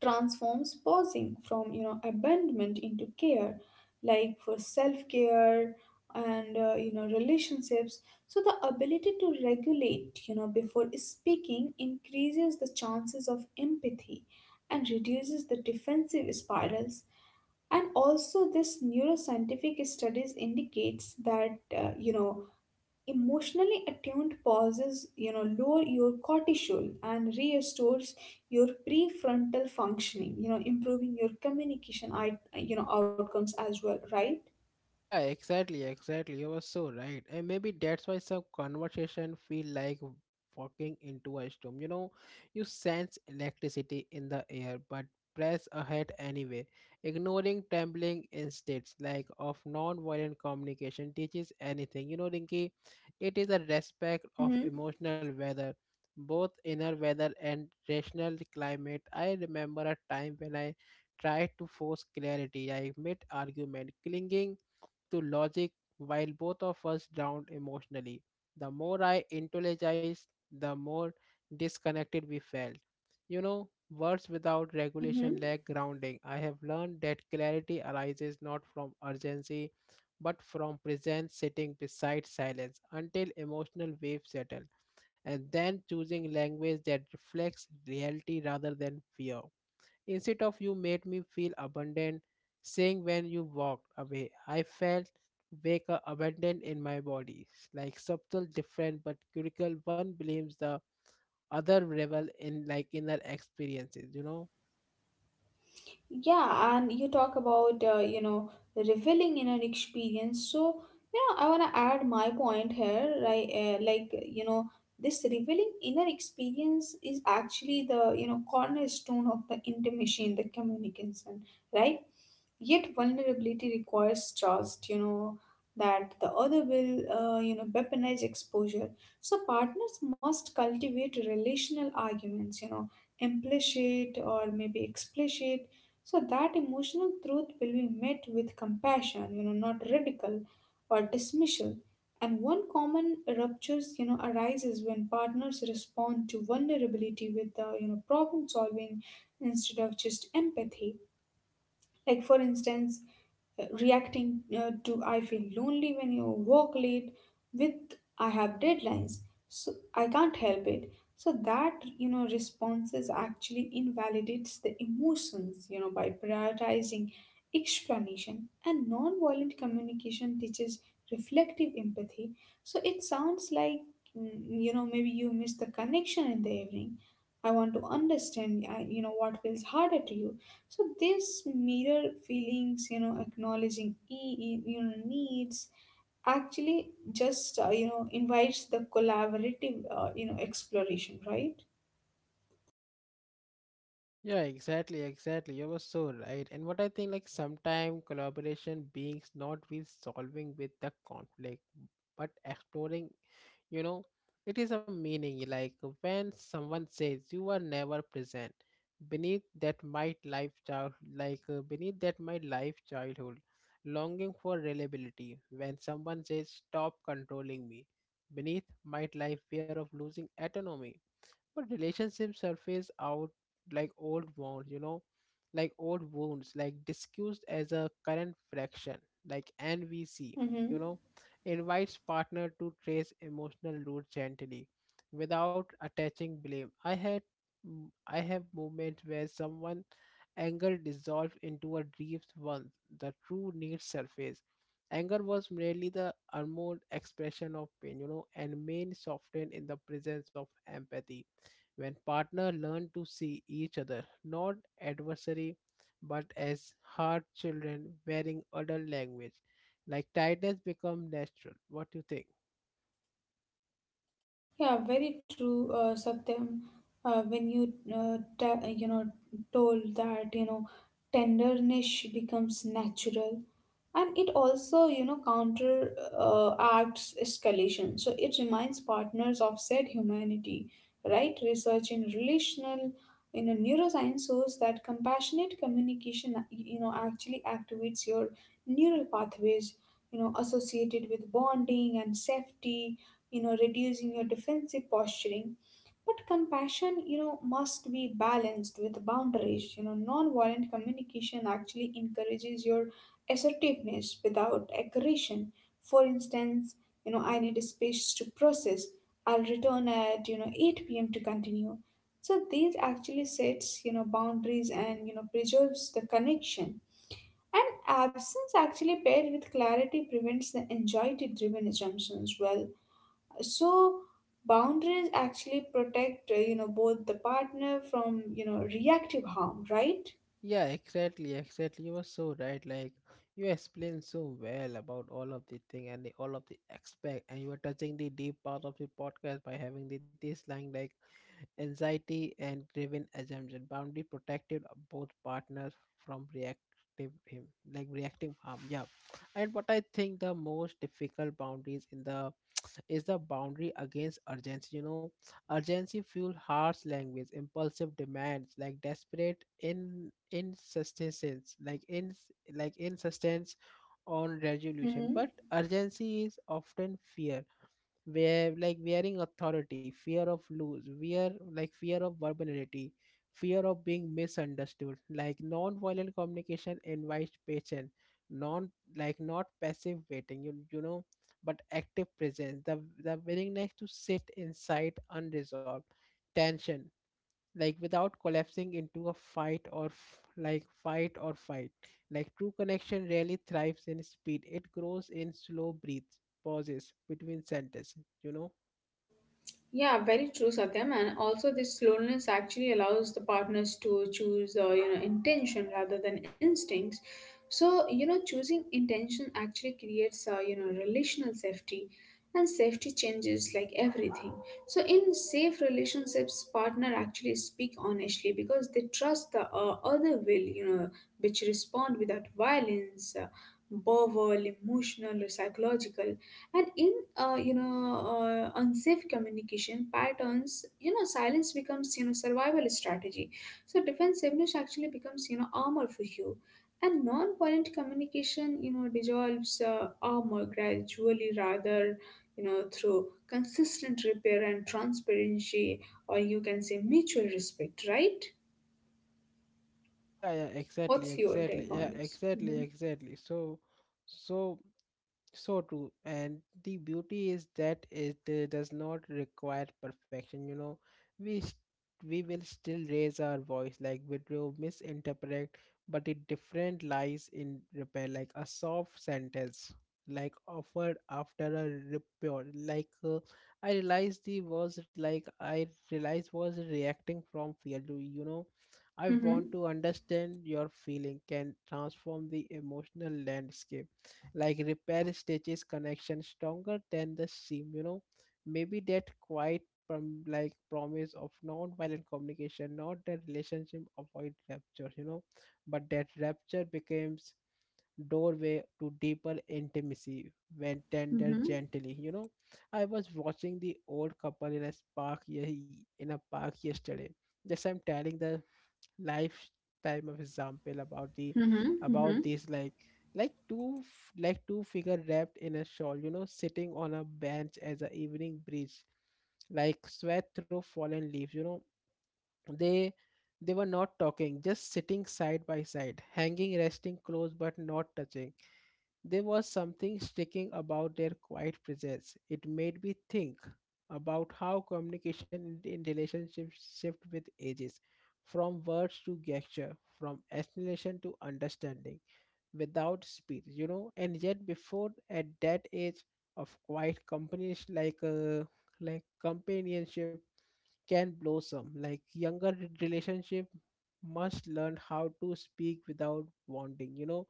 transforms pausing from you know abandonment into care, like for self-care and uh, you know relationships. So the ability to regulate you know before speaking increases the chances of empathy and reduces the defensive spirals. And also this neuroscientific studies indicates that uh, you know emotionally attuned pauses, you know, lower your cortisol and restores your prefrontal functioning, you know, improving your communication, I you know, outcomes as well, right?
Yeah, exactly, exactly. You were so right. And maybe that's why some conversation feel like walking into a storm. You know, you sense electricity in the air, but press ahead anyway. Ignoring trembling instincts like of non-violent communication teaches anything. You know, Rinki, it is a respect of
Mm-hmm.
emotional weather, both inner weather and rational climate. I remember a time when I tried to force clarity. I mid argument, clinging to logic while both of us drowned emotionally. The more I intelligized, the more disconnected we felt. You know, words without regulation
Mm-hmm.
lack grounding. I have learned that clarity arises not from urgency but from presence sitting beside silence until emotional waves settle, and then choosing language that reflects reality rather than fear. Instead of you made me feel abundant, saying when you walked away, I felt wake up abundant in my body. Like subtle, different, but critical. One blames the other revel in like inner experiences, you know?
Yeah, and you talk about uh, you know revealing in an experience. So you know, I wanna add my point here, right? Uh, like you know, this revealing inner experience is actually the you know cornerstone of the intimacy in the communication, right? Yet vulnerability requires trust. You know that the other will uh, you know weaponize exposure. So partners must cultivate relational arguments. You know, implicit or maybe explicit, so that emotional truth will be met with compassion, you know, not ridicule or dismissal. And one common ruptures, you know, arises when partners respond to vulnerability with the, you know, problem solving instead of just empathy. Like for instance, reacting uh, to I feel lonely when you work late with I have deadlines, so I can't help it. So that you know responses actually invalidates the emotions you know by prioritizing explanation. And non-violent communication teaches reflective empathy. So it sounds like, mm, you know maybe you miss the connection in the evening. I want to understand, uh, you know, what feels harder to you. So this mirror feelings, you know, acknowledging e- e, you know needs, actually just uh, you know invites the collaborative uh, you know exploration, right?
Yeah, exactly, exactly. You were so right. And what I think, like, sometimes collaboration beings not with solving with the conflict, but exploring you know it is a meaning like when someone says you are never present beneath that might life child like uh, beneath that might life childhood longing for reliability when someone says stop controlling me beneath might life fear of losing autonomy but relationships surface out like old wounds you know like old wounds like discussed as a current fraction like nvc you
Mm-hmm.
know invites partner to trace emotional roots gently without attaching blame I had mm, I have moments where someone anger dissolved into a deep one, the true need surface. Anger was merely the unmourned expression of pain, you know and pain softened in the presence of empathy. When partners learn to see each other not adversary but as hard children wearing adult language, like tightness become natural. What do you think?
Yeah, very true, uh, Satyam. Uh, when you uh, ta- you know told that you know tenderness becomes natural, and it also you know counter uh, acts escalation. So it reminds partners of said humanity, right? Research in relational you know neuroscience shows that compassionate communication you know actually activates your neural pathways you know associated with bonding and safety, you know reducing your defensive posturing. But compassion you know must be balanced with boundaries. You know non-violent communication actually encourages your assertiveness without aggression. For instance, you know I need space to process, I'll return at you know eight p.m. to continue. So these actually sets you know boundaries and you know preserves the connection. And absence actually paired with clarity prevents the anxiety driven assumptions well. So boundaries actually protect uh, you know both the partner from you know reactive harm, right?
Yeah, exactly, exactly. You were so right. Like, you explained so well about all of the thing and the, all of the aspect, and you were touching the deep part of the podcast by having the this line like anxiety and driven assumption boundary protected both partners from reactive him, like reacting harm, yeah. And what I think, the most difficult boundaries in the is the boundary against urgency, you know. Urgency fuel harsh language, impulsive demands, like desperate in insistence like in like insistence on resolution.
Mhm.
But urgency is often fear, where like wearing authority, fear of lose, fear like fear of vulnerability, fear of being misunderstood. Like non-violent communication invites patience, non like not passive waiting, you, you know but active presence, the, the willingness to sit inside unresolved tension, like without collapsing into a fight or f- like fight or fight. Like true connection rarely thrives in speed. It grows in slow breaths, pauses between sentences, you know.
Yeah, very true, Satyam. And also, this slowness actually allows the partners to choose, uh, you know, intention rather than instincts. So, you know, choosing intention actually creates, uh, you know, relational safety, and safety changes like everything. So, in safe relationships, partner actually speak honestly because they trust the uh, other will, you know, which respond without violence, uh, verbal, emotional, or psychological. And in uh, you know uh, unsafe communication patterns, you know silence becomes you know survival strategy. So defensiveness actually becomes you know armor for you. And non-violent communication you know dissolves uh, armor gradually, rather you know through consistent repair and transparency, or you can say mutual respect, right?
Yeah yeah exactly,
What's your take
exactly
on
yeah
this?
exactly,
Mm-hmm.
exactly. so so, so true. And the beauty is that it uh, does not require perfection. You know, we s- we will still raise our voice, like video misinterpret, but the different lies in repair, like a soft sentence, like offered after a repair. Like uh, I realized the was like I realized was reacting from fear. Do you know? I want
Mm-hmm.
to understand your feeling can transform the emotional landscape, like repair stitches connection stronger than the seam, you know. Maybe that quite prom- like promise of non-violent communication, not that relationship avoid rupture, you know, but that rupture becomes doorway to deeper intimacy when tender
Mm-hmm.
gently, you know. I was watching the old couple in a park ye- in a park yesterday, just I'm telling the lifetime of example about the
Mm-hmm.
about this like like two f- like two figure wrapped in a shawl, you know, sitting on a bench as a evening breeze like sweat through fallen leaves, you know. they they were not talking, just sitting side by side, hanging, resting close but not touching. There was something striking about their quiet presence. It made me think about how communication in in relationships shift with ages, from words to gesture, from explanation to understanding, without speech, you know. And yet, before at that age of quiet companies like uh, like companionship can blossom. Like younger re- relationship must learn how to speak without wanting, you know,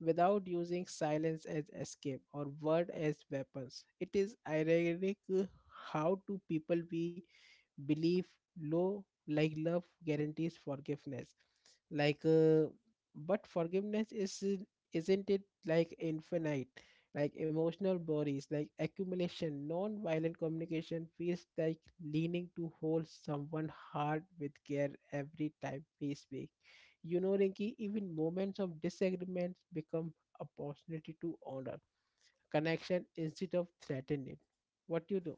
without using silence as escape or word as weapons. It is ironic uh, how two people we belief low like love guarantees forgiveness like uh, but forgiveness is isn't it like infinite, like emotional bodies like accumulation. Non-violent communication feels like leaning to hold someone hard with care every time we speak, you know, Rinki. Even moments of disagreements become opportunity to honor connection instead of threaten it. What do you do?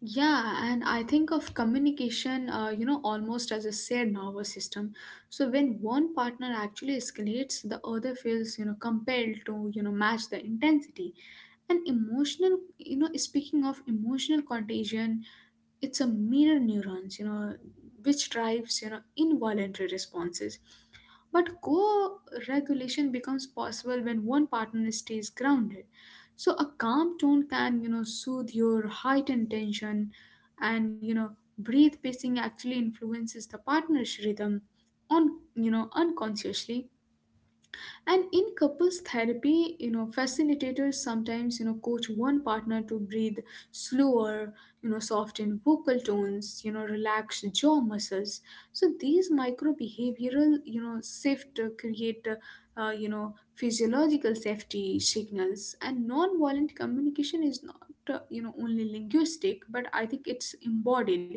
Yeah, and I think of communication, uh, you know, almost as a shared nervous system. So when one partner actually escalates, the other feels, you know, compelled to, you know, match the intensity. And emotional, you know, speaking of emotional contagion, it's a mirror neurons you know which drives you know involuntary responses. But co-regulation becomes possible when one partner stays grounded. So a calm tone can you know soothe your heightened tension. And you know breathe pacing actually influences the partner's rhythm, on you know unconsciously. And in couples therapy, you know facilitators sometimes you know coach one partner to breathe slower, you know soften vocal tones, you know relax jaw muscles. So these micro behavioral you know shift uh, create, uh, uh, you know physiological safety signals. And non-violent communication is not uh, you know only linguistic, but I think it's embodied.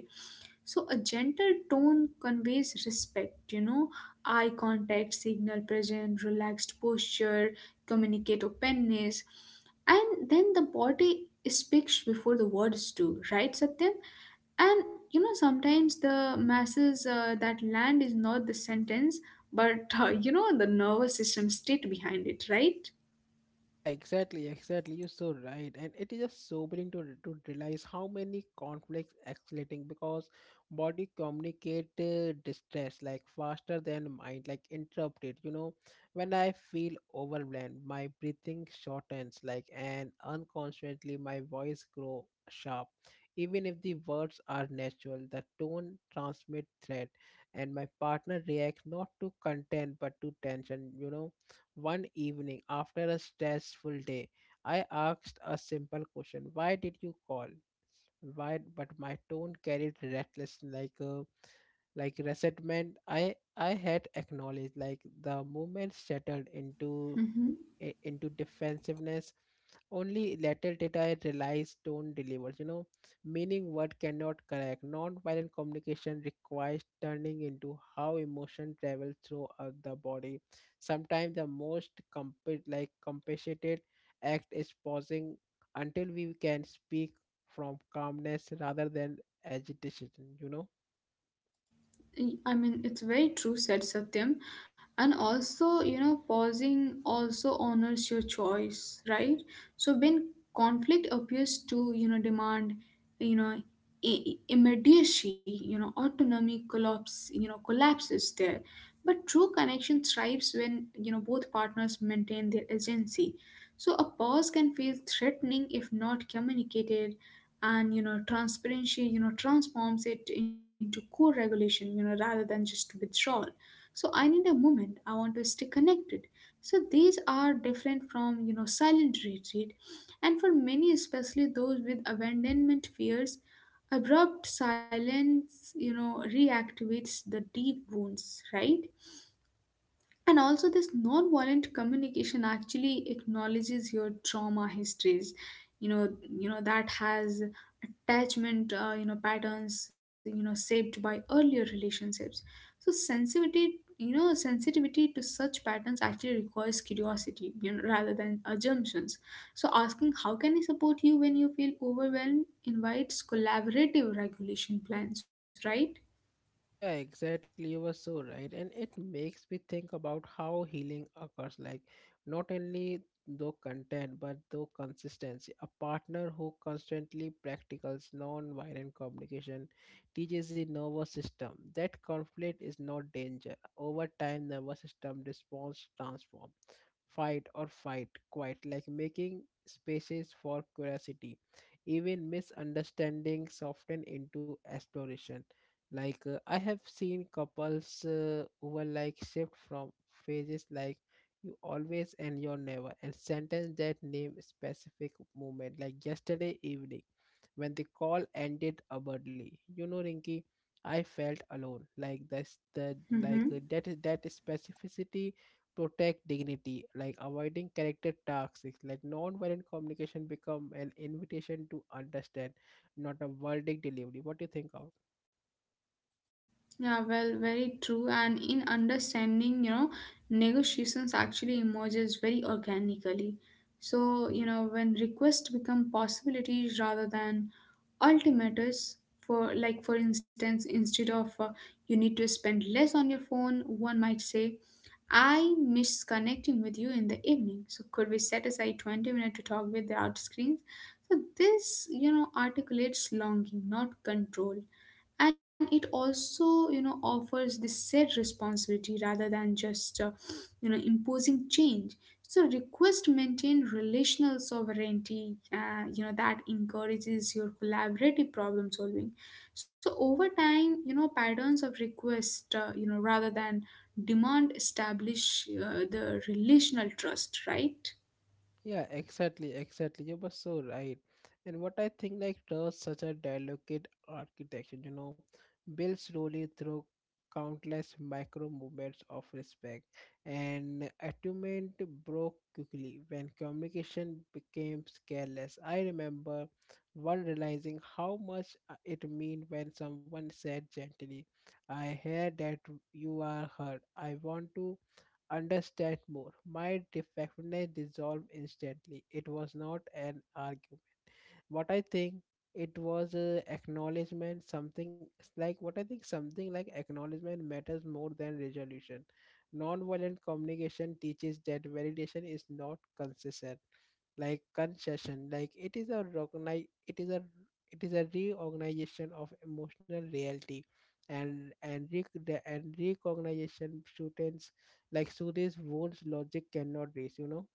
So a gentle tone conveys respect, you know, eye contact, signal present, relaxed posture, communicate openness, and then the body speaks before the words do, right, Satyam? And you know, sometimes the masses, uh, that land is not the sentence, but uh, you know, the nervous system state behind it, right?
Yeah, exactly, exactly. You're so right, and it is just sobering to re- to realize how many conflicts escalating because body communicate uh, distress like faster than mind, like interrupted. You know, when I feel overwhelmed, my breathing shortens, like and unconsciously my voice grow sharp. Even if the words are natural, the tone transmit threat, and my partner reacts not to content but to tension. You know, one evening, after a stressful day, I asked a simple question. Why did you call? Why? But my tone carried reckless like uh, like resentment. I i had acknowledged like the movement shattered into
Mm-hmm.
i- into defensiveness. Only later did I realize tone delivers, you know, meaning word cannot correct. Non-violent communication requires turning into how emotion travels through uh, the body. Sometimes the most comp- like compassionate act is pausing until we can speak from calmness rather than agitation, you know?
I mean, it's very true, said Satyam. And also, you know, pausing also honors your choice, right? So when conflict appears to, you know, demand, you know, i- i- immediacy. You know, autonomy collapse, you know, collapses there. But true connection thrives when, you know, both partners maintain their agency. So a pause can feel threatening if not communicated, and you know transparency you know transforms it into co-regulation, you know rather than just withdrawal. So I need a moment. I want to stay connected. So these are different from you know silent retreat. And for many, especially those with abandonment fears, abrupt silence you know reactivates the deep wounds, right? And also, this non-violent communication actually acknowledges your trauma histories. You know, you know that has attachment, uh, you know, patterns, you know, shaped by earlier relationships. So sensitivity, you know, sensitivity to such patterns actually requires curiosity, you know, rather than assumptions. So asking, how can I support you when you feel overwhelmed, invites collaborative regulation plans, right?
Yeah, exactly. You were so right. And it makes me think about how healing occurs like, not only though content but though consistency. A partner who constantly practices non-violent communication teaches the nervous system that conflict is not danger. Over time nervous system response transforms fight or fight quite like making spaces for curiosity. Even misunderstanding soften into exploration. like uh, I have seen couples uh, who are like shift from phases like you always and you're never and sentence that name specific moment, like yesterday evening when the call ended abruptly, you know, Rinky, I felt alone. Like that's the like uh,
Mm-hmm.
that that specificity protect dignity, like avoiding character toxics, like non-violent communication become an invitation to understand, not a verdict delivery. What do you think of?
Yeah, well, very true. And in understanding, you know, negotiations actually emerges very organically. So, you know, when requests become possibilities rather than ultimatums. For like for instance, instead of, uh, you need to spend less on your phone, one might say, "I miss connecting with you in the evening. So could we set aside 20 minutes to talk without screens?" So this, you know, articulates longing, not control, and it also you know offers this shared responsibility, rather than just uh, you know imposing change. So request maintain relational sovereignty, uh, you know that encourages your collaborative problem solving. So over time, you know patterns of request, uh, you know rather than demand, establish, uh, the relational trust, right?
Yeah, exactly, exactly. You were so right. And what I think, like, trust such a delicate architecture, you know, built slowly through countless micro movements of respect. And attunement broke quickly when communication became careless. I remember one realizing how much uh, it meant when someone said gently, I hear that you are hurt. I want to understand more. My defectness dissolved instantly. It was not an argument. What I think, it was uh, acknowledgement. Something, it's like what I think something like acknowledgement matters more than resolution. Nonviolent communication teaches that validation is not consistent like concession. Like it is a recognize, it is a it is a reorganization of emotional reality. And and rec- the and recognition soothes, like soothes wounds logic cannot reach, you know.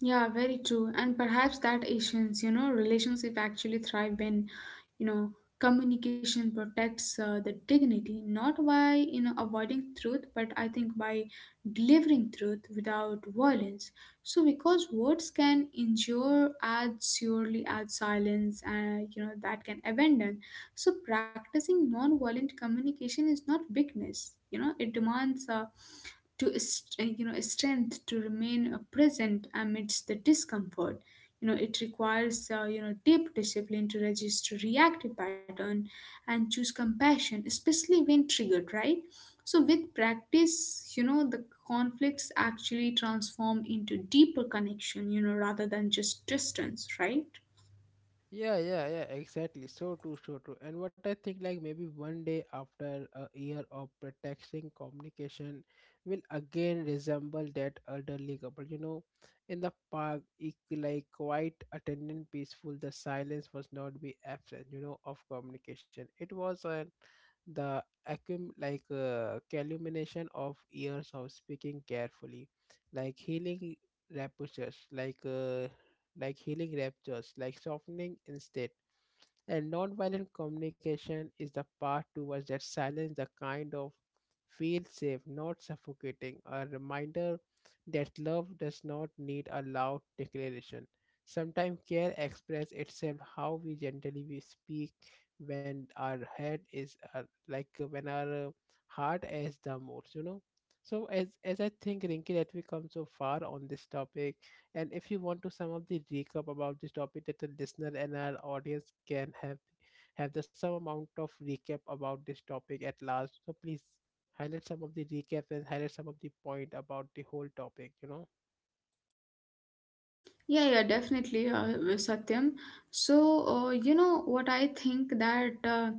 Yeah, very true. And perhaps that Asians, you know, relationship actually thrive when, you know, communication protects, uh, the dignity, not by, you know, avoiding truth, but I think by delivering truth without violence. So because words can injure as surely as silence, and, you know, that can abandon. So practicing non-violent communication is not weakness. You know, it demands, uh, to st- you know strength to remain, uh, present amidst the discomfort. You know it requires, uh, you know deep discipline to register reactive pattern, and choose compassion, especially when triggered, right? So with practice, you know the conflicts actually transform into deeper connection, you know rather than just distance, right?
Yeah, yeah, yeah, exactly. So true, so true. And what I think, like maybe one day after a year of pretexting communication will again resemble that elderly couple. You know, in the park, it, like quite attendant peaceful, the silence was not be absent, you know, of communication. It was an the accum like uh, culmination of years of speaking carefully, like healing raptures like uh, like healing raptures like softening instead. And nonviolent communication is the path towards that silence, the kind of feel safe, not suffocating, a reminder that love does not need a loud declaration. Sometimes care expresses itself how we gently we speak when our head is uh, like uh, when our uh, heart is the most, you know. So as as I think, Rinky, that we come so far on this topic, and if you want to sum up the recap about this topic that the listener and our audience can have have the some amount of recap about this topic at last, so please highlight some of the recap and highlight some of the point about the whole topic, you know?
Yeah yeah definitely, uh, Satyam. So, uh, you know what I think, that, uh,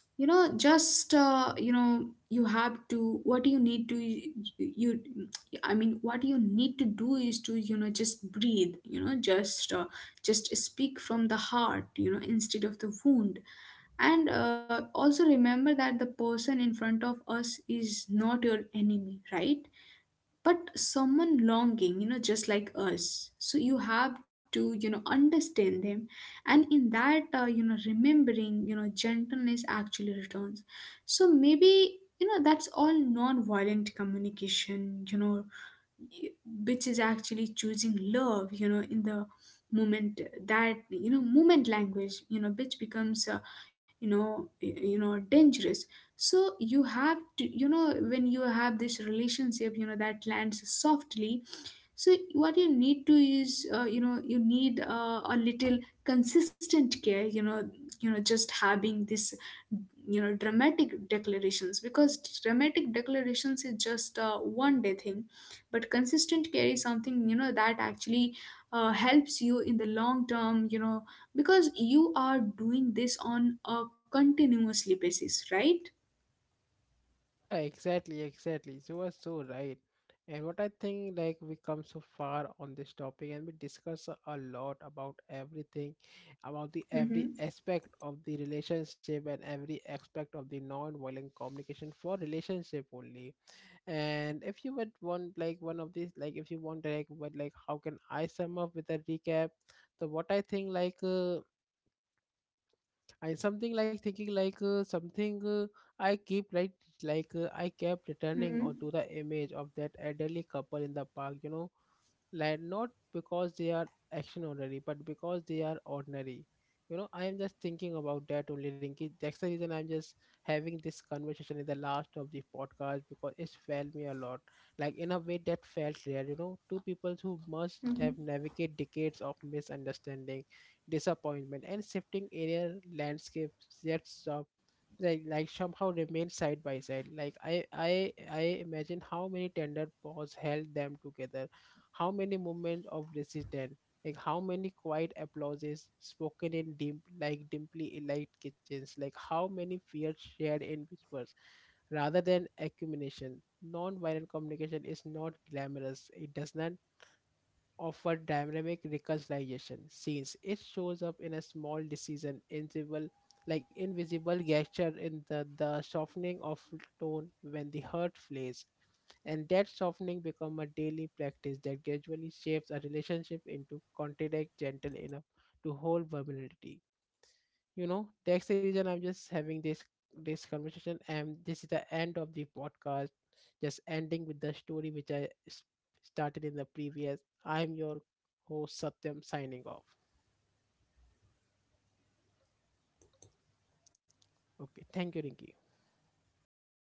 you know just, uh, you know you have to what you need to you I mean, what you need to do is to you know just breathe, you know just, uh, just speak from the heart, you know instead of the wound. And, uh, also remember that the person in front of us is not your enemy, right? But someone longing, you know just like us. So you have to, you know understand them. And in that, uh, you know remembering, you know gentleness actually returns. So maybe, you know that's all non-violent communication, you know which is actually choosing love, you know in the moment, that, you know moment language, you know which becomes, uh, you know y- you know dangerous. So you have to, you know when you have this relationship, you know that lands softly. So what you need to is, uh, you know, you need, uh, a little consistent care. You know, you know, just having this, you know, dramatic declarations, because dramatic declarations is just a one day thing, but consistent care is something you know that actually, uh, helps you in the long term. You know, because you are doing this on a continuously basis, right?
Yeah, exactly, exactly. You are so right. And what I think, like, we come so far on this topic and we discuss a a lot about everything, about the every
Mm-hmm.
aspect of the relationship and every aspect of the non-violent communication for relationship only. And if you would want like one of these, like if you want like what like how can I sum up with a recap? So what I think like uh, I something like thinking like uh, something uh, I keep like like uh, I kept returning on
Mm-hmm.
to the image of that elderly couple in the park. You know, like not because they are action ordinary but because they are ordinary. You know, I am just thinking about that only, Rinki. That's the reason I'm just having this conversation in the last of the podcast because it felt me a lot like in a way that felt rare. You know, two people who must have
Mm-hmm.
navigated decades of misunderstanding, disappointment and shifting area landscapes, yet some like, like somehow remain side by side. Like i i i imagine how many tender paws held them together, how many moments of resistance, like how many quiet applauses spoken in dim, like dimly light kitchens, like how many fears shared in whispers rather than accumulation. Non-violent communication is not glamorous. It does not offer dynamic reconciliation since it shows up in a small decision invisible like invisible gesture in the, the softening of tone when the hurt flares, and that softening become a daily practice that gradually shapes a relationship into contact gentle enough to hold vulnerability, you know. That's the reason I'm just having this this conversation, and this is the end of the podcast, just ending with the story which i s- started in the previous. I'm your host Satyam, signing off. Okay, thank you, Rinki.